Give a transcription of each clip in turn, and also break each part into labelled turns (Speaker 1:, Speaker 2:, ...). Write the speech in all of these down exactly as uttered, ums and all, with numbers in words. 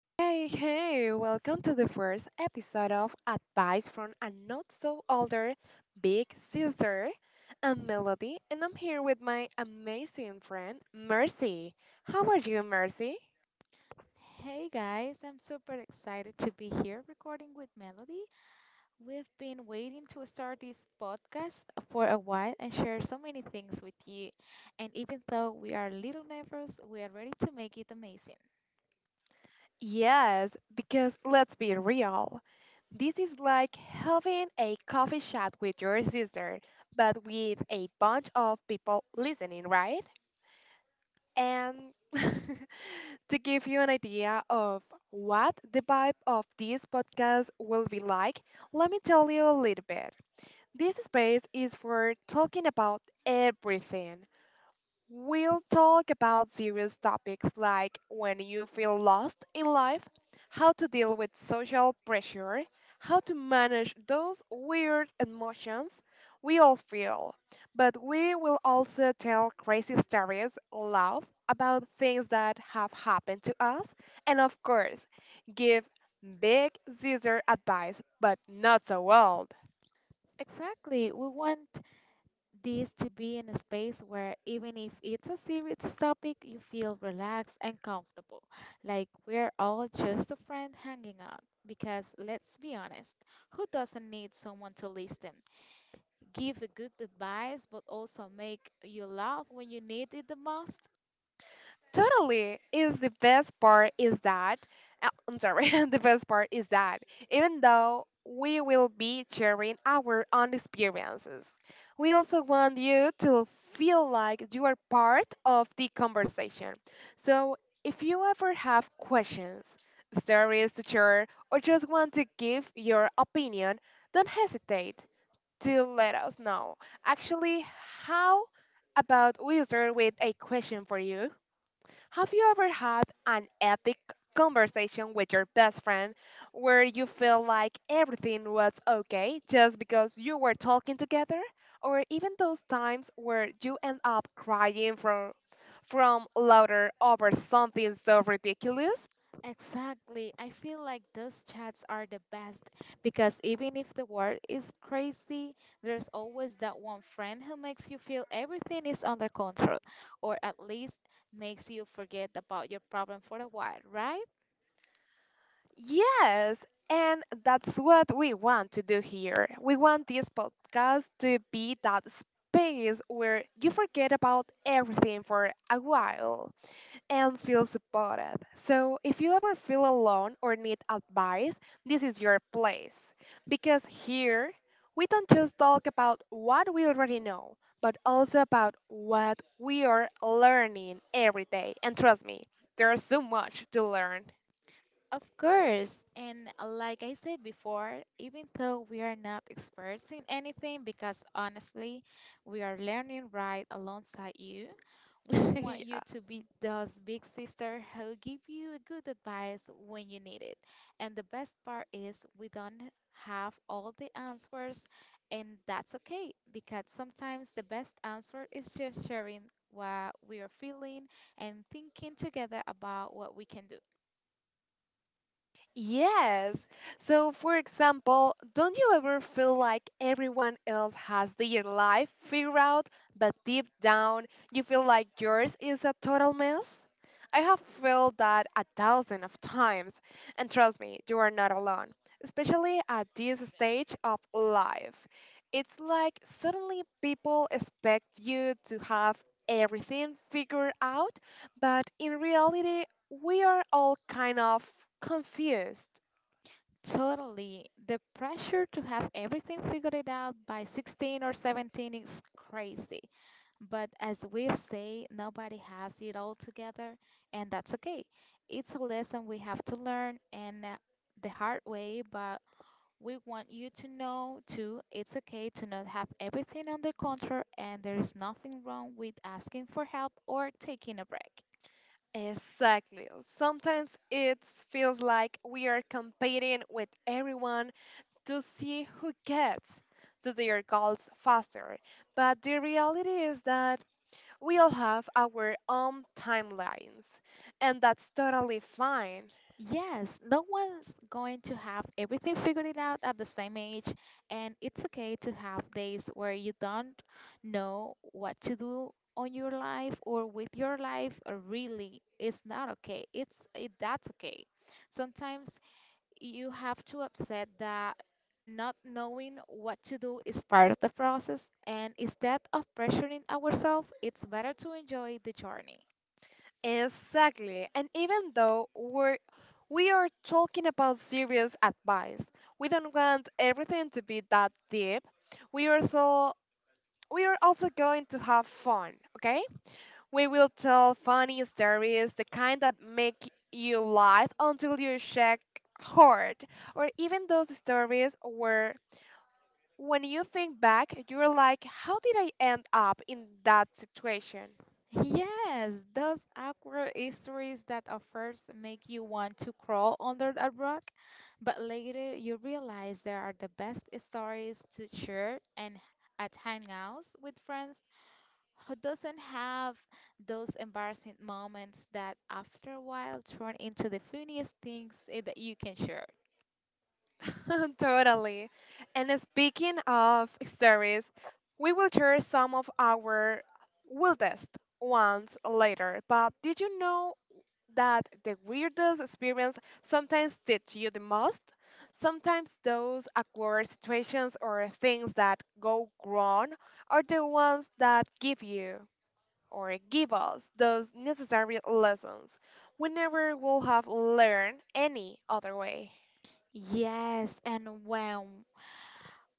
Speaker 1: Hey, hey, welcome to the first episode of Advice from a Not So Older Big Sister. I'm Melody, and I'm here with my amazing friend, Mercy. How are you, Mercy?
Speaker 2: Hey guys, I'm super excited to be here recording with Melody. We've been waiting to start this podcast for a while and share so many things with you. And even though we are a little nervous, we are ready to make it amazing.
Speaker 1: Yes, because let's be real. This is like having a coffee chat with your sister, but with a bunch of people listening, right? And to give you an idea of what the vibe of this podcast will be like, let me tell you a little bit. This space is for talking about everything. We'll talk about serious topics like when you feel lost in life, how to deal with social pressure, how to manage those weird emotions we all feel. But we will also tell crazy stories, laugh about things that have happened to us, and of course, give big Caesar advice, but not so well.
Speaker 2: Exactly, we want this to be in a space where even if it's a serious topic, you feel relaxed and comfortable. Like we're all just a friend hanging out. Because let's be honest, who doesn't need someone to listen? Give a good advice, but also make you laugh when you need it the most.
Speaker 1: Totally. Is the best part is that uh, I'm sorry, the best part is that even though we will be sharing our own experiences, we also want you to feel like you are part of the conversation. So if you ever have questions, stories to share, or just want to give your opinion, don't hesitate to let us know. Actually, how about we start with a question for you? Have you ever had an epic conversation with your best friend where you feel like everything was okay just because you were talking together? Or even those times where you end up crying for, from laughter over something so ridiculous?
Speaker 2: Exactly. I feel like those chats are the best because even if the world is crazy, there's always that one friend who makes you feel everything is under control, or at least makes you forget about your problem for a while, right?
Speaker 1: Yes, and that's what we want to do here. We want this podcast to be that space where you forget about everything for a while, and feel supported. So, if you ever feel alone or need advice, this is your place. Because here, we don't just talk about what we already know, but also about what we are learning every day. And trust me, there's so much to learn.
Speaker 2: Of course. And like I said before, even though we are not experts in anything, because honestly, we are learning right alongside you, we don't want you
Speaker 1: Yeah.
Speaker 2: to be those big sister who give you good advice when you need it. And the best part is we don't have all the answers, and that's okay, because sometimes the best answer is just sharing what we are feeling and thinking together about what we can do.
Speaker 1: Yes. So, for example, don't you ever feel like everyone else has their life figured out, but deep down you feel like yours is a total mess? I have felt that a thousand of times, and trust me, you are not alone, especially at this stage of life. It's like suddenly people expect you to have everything figured out, but in reality, we are all kind of confused.
Speaker 2: Totally. The pressure to have everything figured it out by sixteen or seventeen is crazy. But as we've said, nobody has it all together, and that's okay. It's a lesson we have to learn and uh, the hard way, but we want you to know too, it's okay to not have everything under control, and there is nothing wrong with asking for help or taking a break.
Speaker 1: Exactly. Sometimes it feels like we are competing with everyone to see who gets to their goals faster. But the reality is that we all have our own timelines, and that's totally fine.
Speaker 2: Yes, no one's going to have everything figured it out at the same age, and it's okay to have days where you don't know what to do on your life or with your life. Or really, it's not okay. It's it, that's okay. Sometimes you have to accept that not knowing what to do is part of the process, and instead of pressuring ourselves, it's better to enjoy the journey.
Speaker 1: Exactly. And even though we're we are talking about serious advice. We don't want everything to be that deep. We also We are also going to have fun, okay? We will tell funny stories, the kind that make you laugh until you shake hard, or even those stories where when you think back, you're like, how did I end up in that situation?
Speaker 2: Yes, those awkward histories that at first make you want to crawl under a rock, but later you realize they are the best stories to share and at hangouts with friends who doesn't have those embarrassing moments that after a while turn into the funniest things eh, that you can share.
Speaker 1: Totally. And speaking of stories, we will share some of our wildest ones later. But did you know that the weirdest experience sometimes teach you the most? Sometimes those awkward situations or things that go wrong are the ones that give you or give us those necessary lessons we never would have learned any other way.
Speaker 2: Yes, and when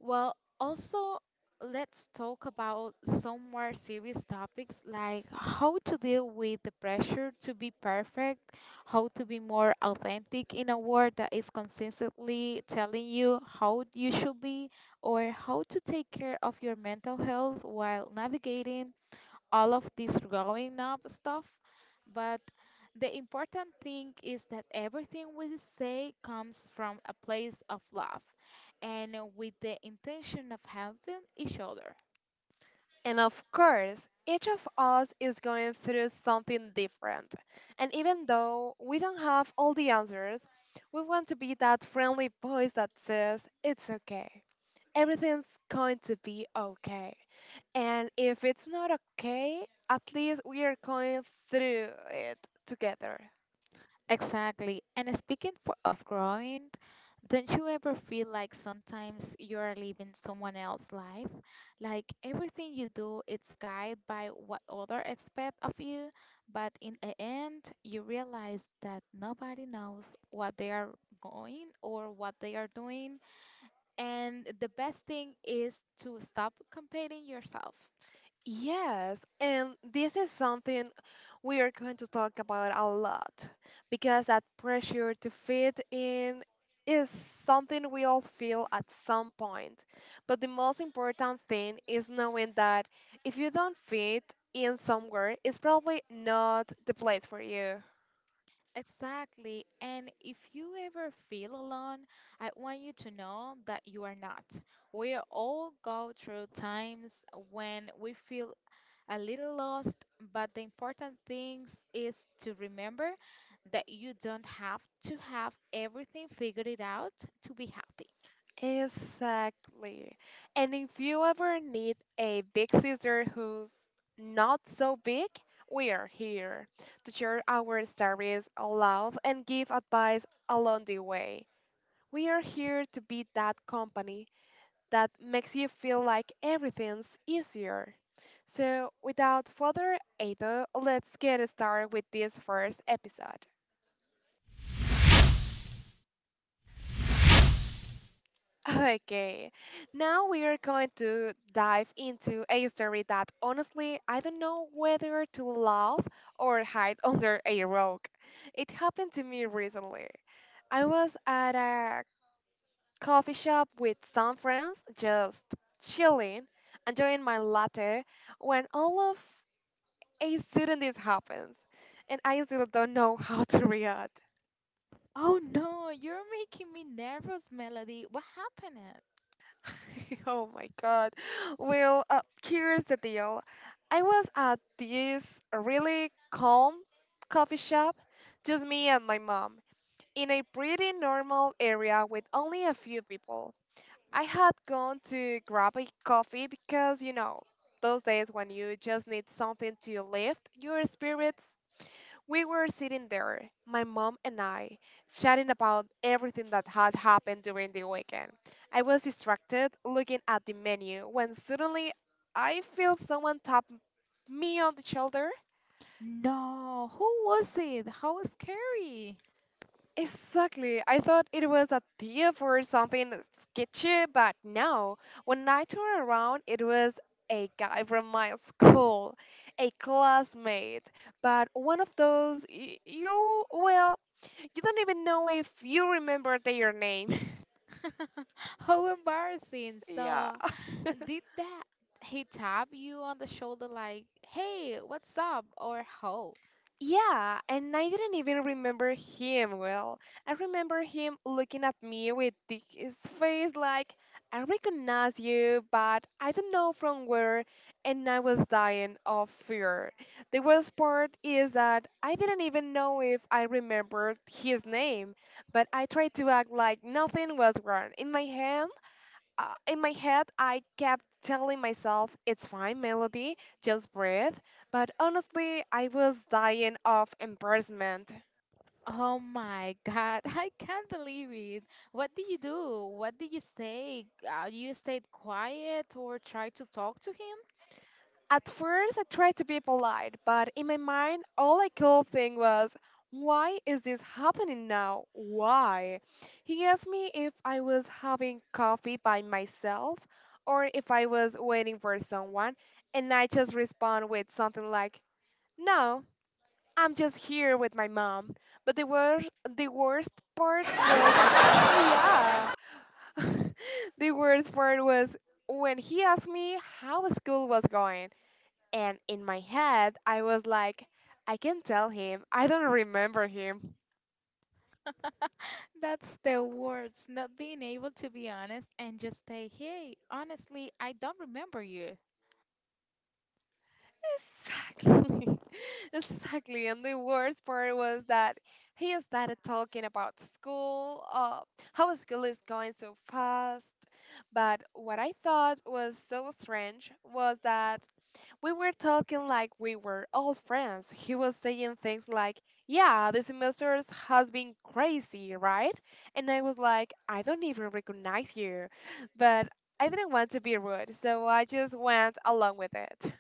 Speaker 2: Well, also, let's talk about some more serious topics like how to deal with the pressure to be perfect, how to be more authentic in a world that is consistently telling you how you should be, or how to take care of your mental health while navigating all of this growing up stuff. But the important thing is that everything we say comes from a place of love and with the intention of helping each other.
Speaker 1: And of course, each of us is going through something different. And even though we don't have all the answers, we want to be that friendly voice that says, "It's okay. Everything's going to be okay." And if it's not okay, at least we are going through it together.
Speaker 2: Exactly. And speaking for, of growing, don't you ever feel like sometimes you are living someone else's life? Like everything you do it's guided by what others expect of you, but in the end, you realize that nobody knows what they are going or what they are doing. And the best thing is to stop comparing yourself.
Speaker 1: Yes, and this is something we are going to talk about a lot because that pressure to fit in is something we all feel at some point. But the most important thing is knowing that if you don't fit in somewhere, it's probably not the place for you.
Speaker 2: Exactly. And if you ever feel alone, I want you to know that you are not. We all go through times when we feel a little lost, but the important thing is to remember that you don't have to have everything figured it out to be happy.
Speaker 1: Exactly. And if you ever need a big sister who's not so big, we are here to share our stories aloud and give advice along the way. We are here to be that company that makes you feel like everything's easier. So, without further ado, let's get started with this first episode. Okay, now we are going to dive into a story that honestly I don't know whether to laugh or hide under a rock. It happened to me recently. I was at a coffee shop with some friends, just chilling, enjoying my latte, when all of a sudden this happens, and I still don't know how to react.
Speaker 2: Oh no, you're making me nervous, Melody. What happened?
Speaker 1: Oh my God. Well, uh, here's the deal. I was at this really calm coffee shop, just me and my mom, in a pretty normal area with only a few people. I had gone to grab a coffee because, you know, those days when you just need something to lift your spirits. We were sitting there, my mom and I, chatting about everything that had happened during the weekend. I was distracted looking at the menu when suddenly I feel someone tap me on the shoulder.
Speaker 2: No, who was it? How scary.
Speaker 1: Exactly. I thought it was a thief or something sketchy, but no. When I turned around, it was a guy from my school, a classmate. But one of those, y- you, well, you don't even know if you remember their name.
Speaker 2: How embarrassing.
Speaker 1: Yeah.
Speaker 2: So, did that he tap you on the shoulder like, "Hey, what's up?" or how?
Speaker 1: Yeah, and I didn't even remember him well. I remember him looking at me with the- his face like, I recognize you, but I don't know from where, and I was dying of fear. The worst part is that I didn't even know if I remembered his name, but I tried to act like nothing was wrong. In my head, uh, in my head, I kept telling myself, it's fine, Melody, just breathe. But honestly, I was dying of embarrassment.
Speaker 2: Oh my God, I can't believe it. What did you do? What did you say? Uh, you stayed quiet or tried to talk to him?
Speaker 1: At first, I tried to be polite, but in my mind, all I could think was, why is this happening now? Why? He asked me if I was having coffee by myself or if I was waiting for someone, and I just respond with something like, no, I'm just here with my mom. But the worst the worst part was yeah. The worst part was when he asked me how school was going, and in my head I was like, I can tell him. I don't remember him.
Speaker 2: That's the worst, not being able to be honest and just say, "Hey, honestly, I don't remember you."
Speaker 1: Exactly. Exactly. And the worst part was that he started talking about school, uh, how school is going so fast. But what I thought was so strange was that we were talking like we were all friends. He was saying things like, yeah, the semesters has been crazy, right? And I was like, I don't even recognize you. But I didn't want to be rude, so I just went along with it.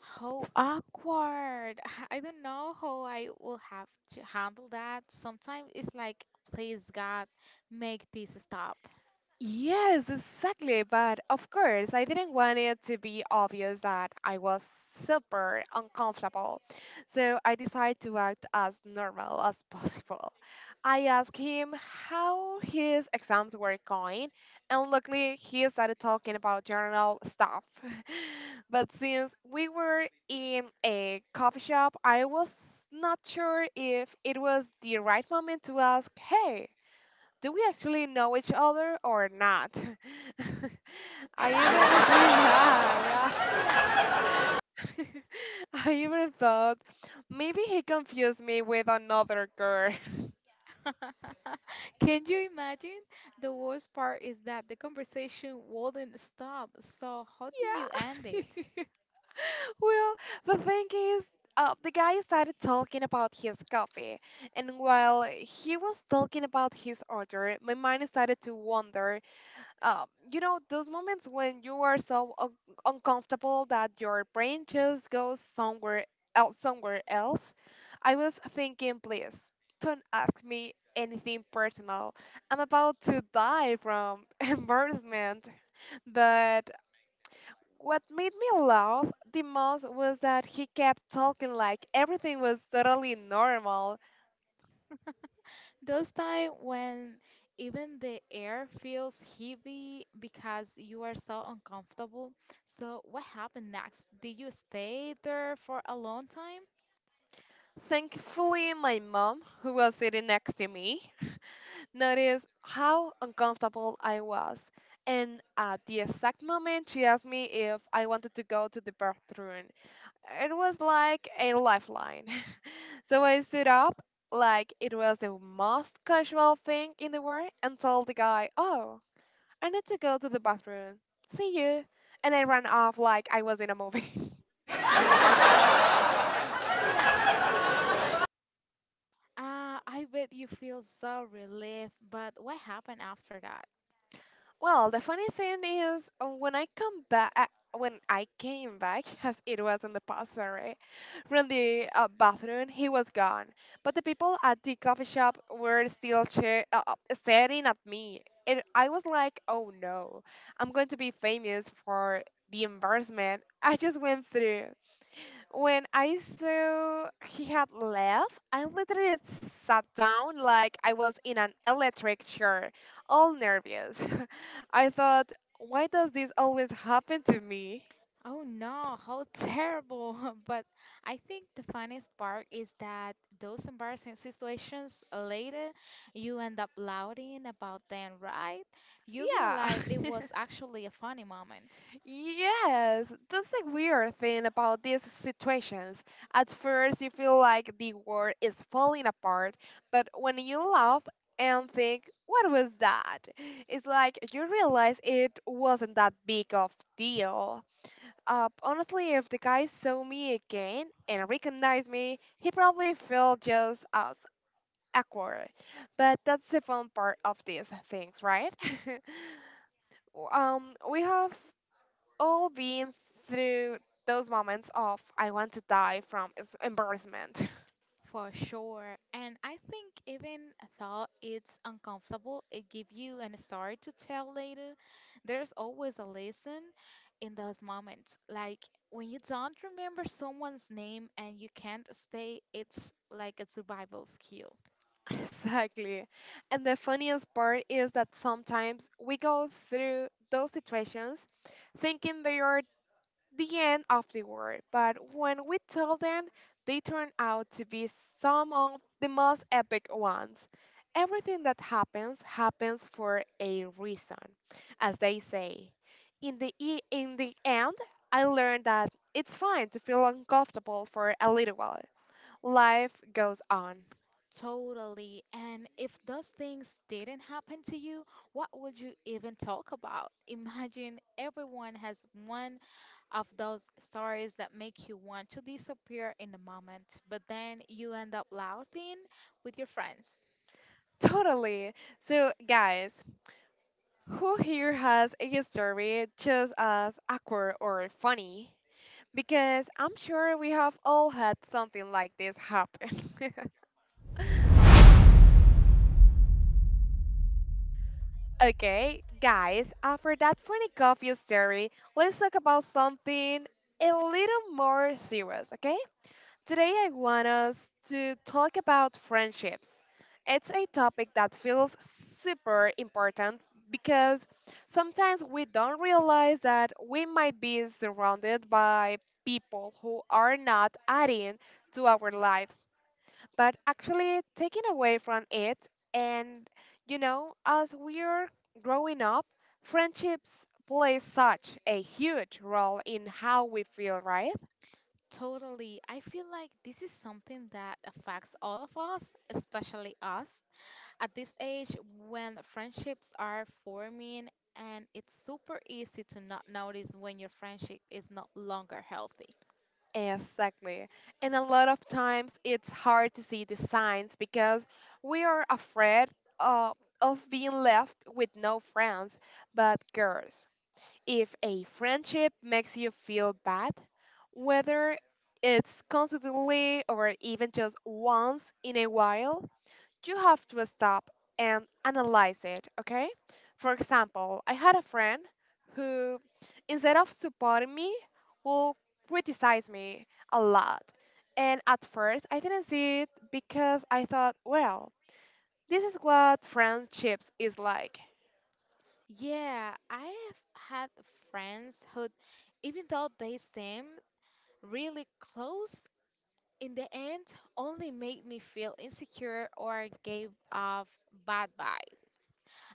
Speaker 2: How awkward. I don't know how I will have to handle that. Sometimes it's like, please God, make this stop.
Speaker 1: Yes, exactly. But of course, I didn't want it to be obvious that I was super uncomfortable. So I decided to act as normal as possible. I asked him how his exams were going, and luckily he started talking about general stuff. But since we were in a coffee shop, I was not sure if it was the right moment to ask, hey, do we actually know each other or not? I even, yeah, yeah. I even thought maybe he confused me with another girl.
Speaker 2: Can you imagine? The worst part is that the conversation wouldn't stop. So how do you end it?
Speaker 1: Yeah. Well, the thing is, uh, the guy started talking about his coffee, and while he was talking about his order, my mind started to wander. um, you know, those moments when you are so un- uncomfortable that your brain just goes somewhere else, somewhere else. I was thinking, please don't ask me anything personal. I'm about to die from embarrassment. But what made me laugh the most was that he kept talking like everything was totally normal.
Speaker 2: Those time when even the air feels heavy because you are so uncomfortable. So what happened next? Did you stay there for a long time?
Speaker 1: Thankfully, my mom, who was sitting next to me, noticed how uncomfortable I was, and at the exact moment she asked me if I wanted to go to the bathroom. It was like a lifeline. So I stood up like it was the most casual thing in the world and told the guy, oh, I need to go to the bathroom. See you. And I ran off like I was in a movie.
Speaker 2: Ah, I bet you feel so relieved, but what happened after that?
Speaker 1: Well, the funny thing is, uh, when I come back, uh, when I came back, as it was in the past, sorry, from the uh, bathroom, he was gone. But the people at the coffee shop were still cheer- uh, uh, staring at me. And I was like, oh no, I'm going to be famous for the embarrassment I just went through. When I saw he had left, I literally sat down like I was in an electric chair, all nervous. I thought, why does this always happen to me?
Speaker 2: Oh no, how terrible. But I think the funniest part is that those embarrassing situations later, you end up laughing about them, right? You
Speaker 1: Yeah.
Speaker 2: realize it was actually a funny moment.
Speaker 1: Yes, that's the weird thing about these situations. At first, you feel like the world is falling apart, but when you laugh and think, what was that? It's like you realize it wasn't that big of deal. Uh, honestly, if the guy saw me again and recognized me, he probably felt just as awkward. But that's the fun part of these things, right? w- um, we have all been through those moments of I want to die from es- embarrassment.
Speaker 2: For sure. And I think even though it's uncomfortable, it gives you an story to tell later. There's always a lesson in those moments. Like when you don't remember someone's name and you can't stay, it's like a survival skill.
Speaker 1: Exactly. And the funniest part is that sometimes we go through those situations thinking they are the end of the world. But when we tell them, they turn out to be some of the most epic ones. Everything that happens happens for a reason, as they say. In the e- in the end, I learned that it's fine to feel uncomfortable for a little while. Life goes on.
Speaker 2: Totally. And if those things didn't happen to you, what would you even talk about? Imagine everyone has one of those stories that make you want to disappear in a moment, but then you end up laughing with your friends.
Speaker 1: Totally. So, guys, who here has a story just as awkward or funny? Because I'm sure we have all had something like this happen. Okay, guys, after that funny coffee story, let's talk about something a little more serious, okay? Today I want us to talk about friendships. It's a topic that feels super important, because sometimes we don't realize that we might be surrounded by people who are not adding to our lives but actually taking away from it. And you know, as we're growing up, friendships play such a huge role in how we feel, right?
Speaker 2: Totally. I feel like this is something that affects all of us, especially us at this age when friendships are forming and it's super easy to not notice when your friendship is no longer healthy.
Speaker 1: Exactly. And a lot of times it's hard to see the signs because we are afraid uh, of being left with no friends. But girls, if a friendship makes you feel bad, whether it's constantly or even just once in a while, you have to stop and analyze it, okay? For example, I had a friend who, instead of supporting me, will criticize me a lot. And at first, I didn't see it because I thought, well, this is what friendships is like.
Speaker 2: Yeah, I have had friends who, even though they seem really close, in the end only made me feel insecure or gave off bad vibes.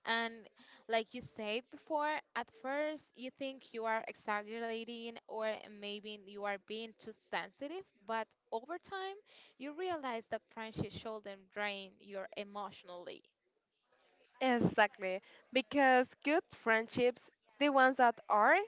Speaker 2: And like you said before, at first you think you are exaggerating or maybe you are being too sensitive, but over time you realize that friendship shouldn't drain you emotionally.
Speaker 1: Exactly, because good friendships, the ones that are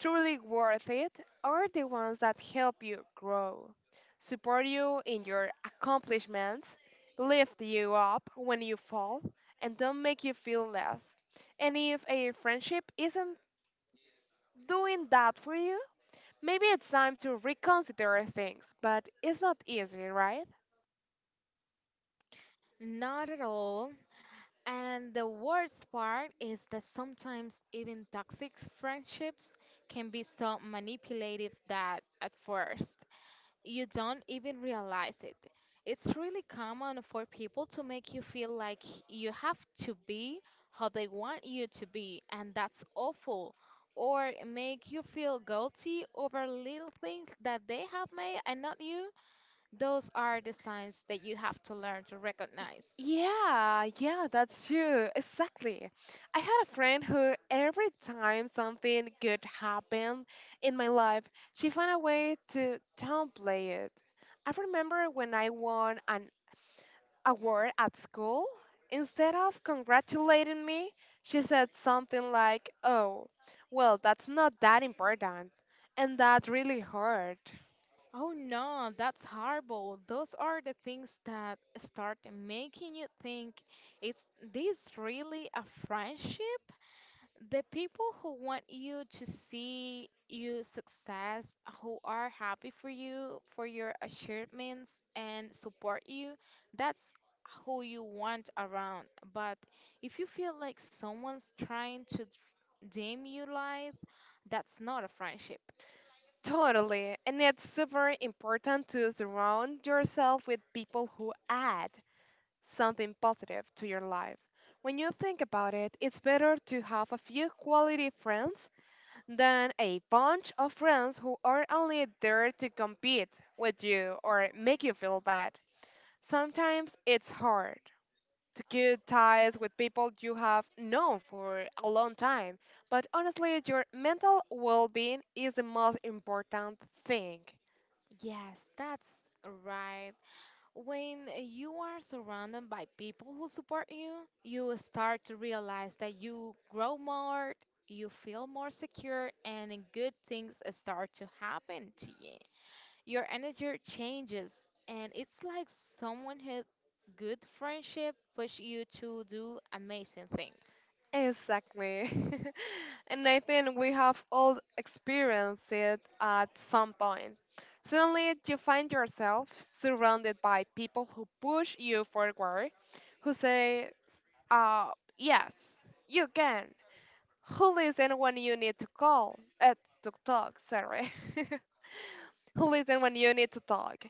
Speaker 1: truly worth it, are the ones that help you grow, support you in your accomplishments, lift you up when you fall, and don't make you feel less. And if a friendship isn't doing that for you, maybe it's time to reconsider things, but it's not easy, right?
Speaker 2: Not at all. And the worst part is that sometimes even toxic friendships can be so manipulative that at first you don't even realize it. It's really common for people to make you feel like you have to be how they want you to be, and that's awful. Or make you feel guilty over little things that they have made and not you. Those are the signs that you have to learn to
Speaker 1: Y-
Speaker 2: recognize.
Speaker 1: Yeah, yeah, that's true. Exactly. I had a friend who every time something good happened in my life, she found a way to downplay it. I remember when I won an award at school, instead of congratulating me, she said something like, "Oh, well, that's not that important." And that really hurt.
Speaker 2: Oh no, that's horrible. Those are the things that start making you think, is this really a friendship? The people who want you to see you success, who are happy for you, for your achievements and support you, that's who you want around. But if you feel like someone's trying to dim your light, that's not a friendship.
Speaker 1: Totally. And it's super important to surround yourself with people who add something positive to your life. When you think about it, it's better to have a few quality friends than a bunch of friends who are only there to compete with you or make you feel bad. Sometimes it's hard to cut ties with people you have known for a long time, but honestly, your mental well being is the most important thing.
Speaker 2: Yes, that's right. When you are surrounded by people who support you, you start to realize that you grow more, you feel more secure, and good things start to happen to you. Your energy changes, and it's like someone had good friendship push you to do amazing things.
Speaker 1: Exactly. And I think we have all experienced it at some point. Suddenly, you find yourself surrounded by people who push you forward, who say, uh, yes, you can. Who listen when you need to call? Uh, to talk, sorry. Who listen when you need to talk?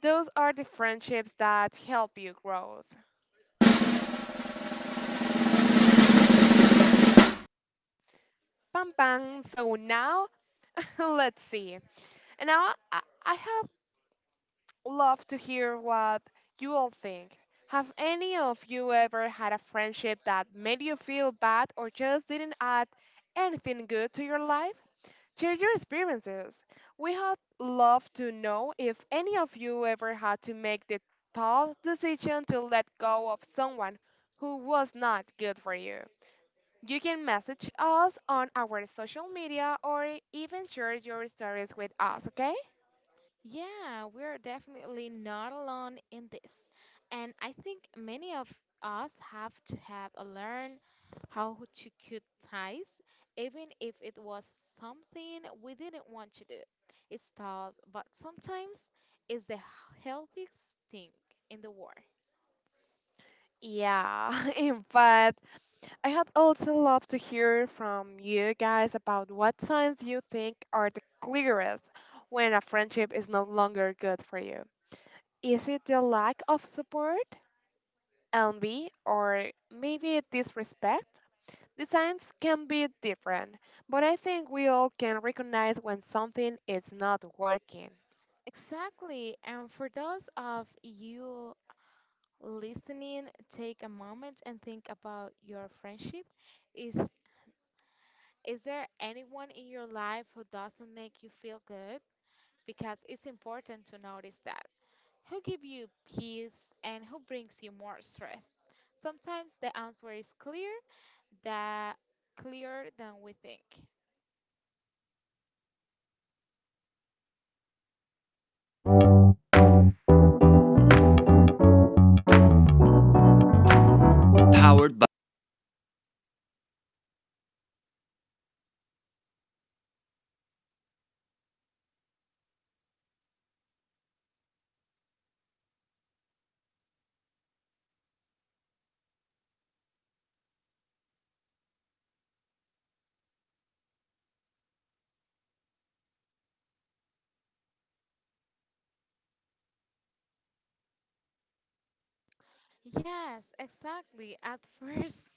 Speaker 1: Those are the friendships that help you grow. Bam, bam. So now, let's see. And now I, I love to hear what you all think. Have any of you ever had a friendship that made you feel bad or just didn't add anything good to your life? Share your experiences. We would love to know if any of you ever had to make the tough decision to let go of someone who was not good for you. You can message us on our social media or even share your stories with us, okay?
Speaker 2: Yeah, we're definitely not alone in this. And I think many of us have to have a learn how to cut ties, even if it was something we didn't want to do. It's tough, but sometimes it's the healthiest thing in the world.
Speaker 1: Yeah, but I had also love to hear from you guys about what signs you think are the clearest when a friendship is no longer good for you. Is it the lack of support, envy, or maybe disrespect? The signs can be different, but I think we all can recognize when something is not working.
Speaker 2: Exactly. And for those of you listening, take a moment and think about your friendship. Is Is there anyone in your life who doesn't make you feel good? Because it's important to notice that. Who give you peace and who brings you more stress? Sometimes the answer is clear, that clearer than we think. Yes, exactly. At first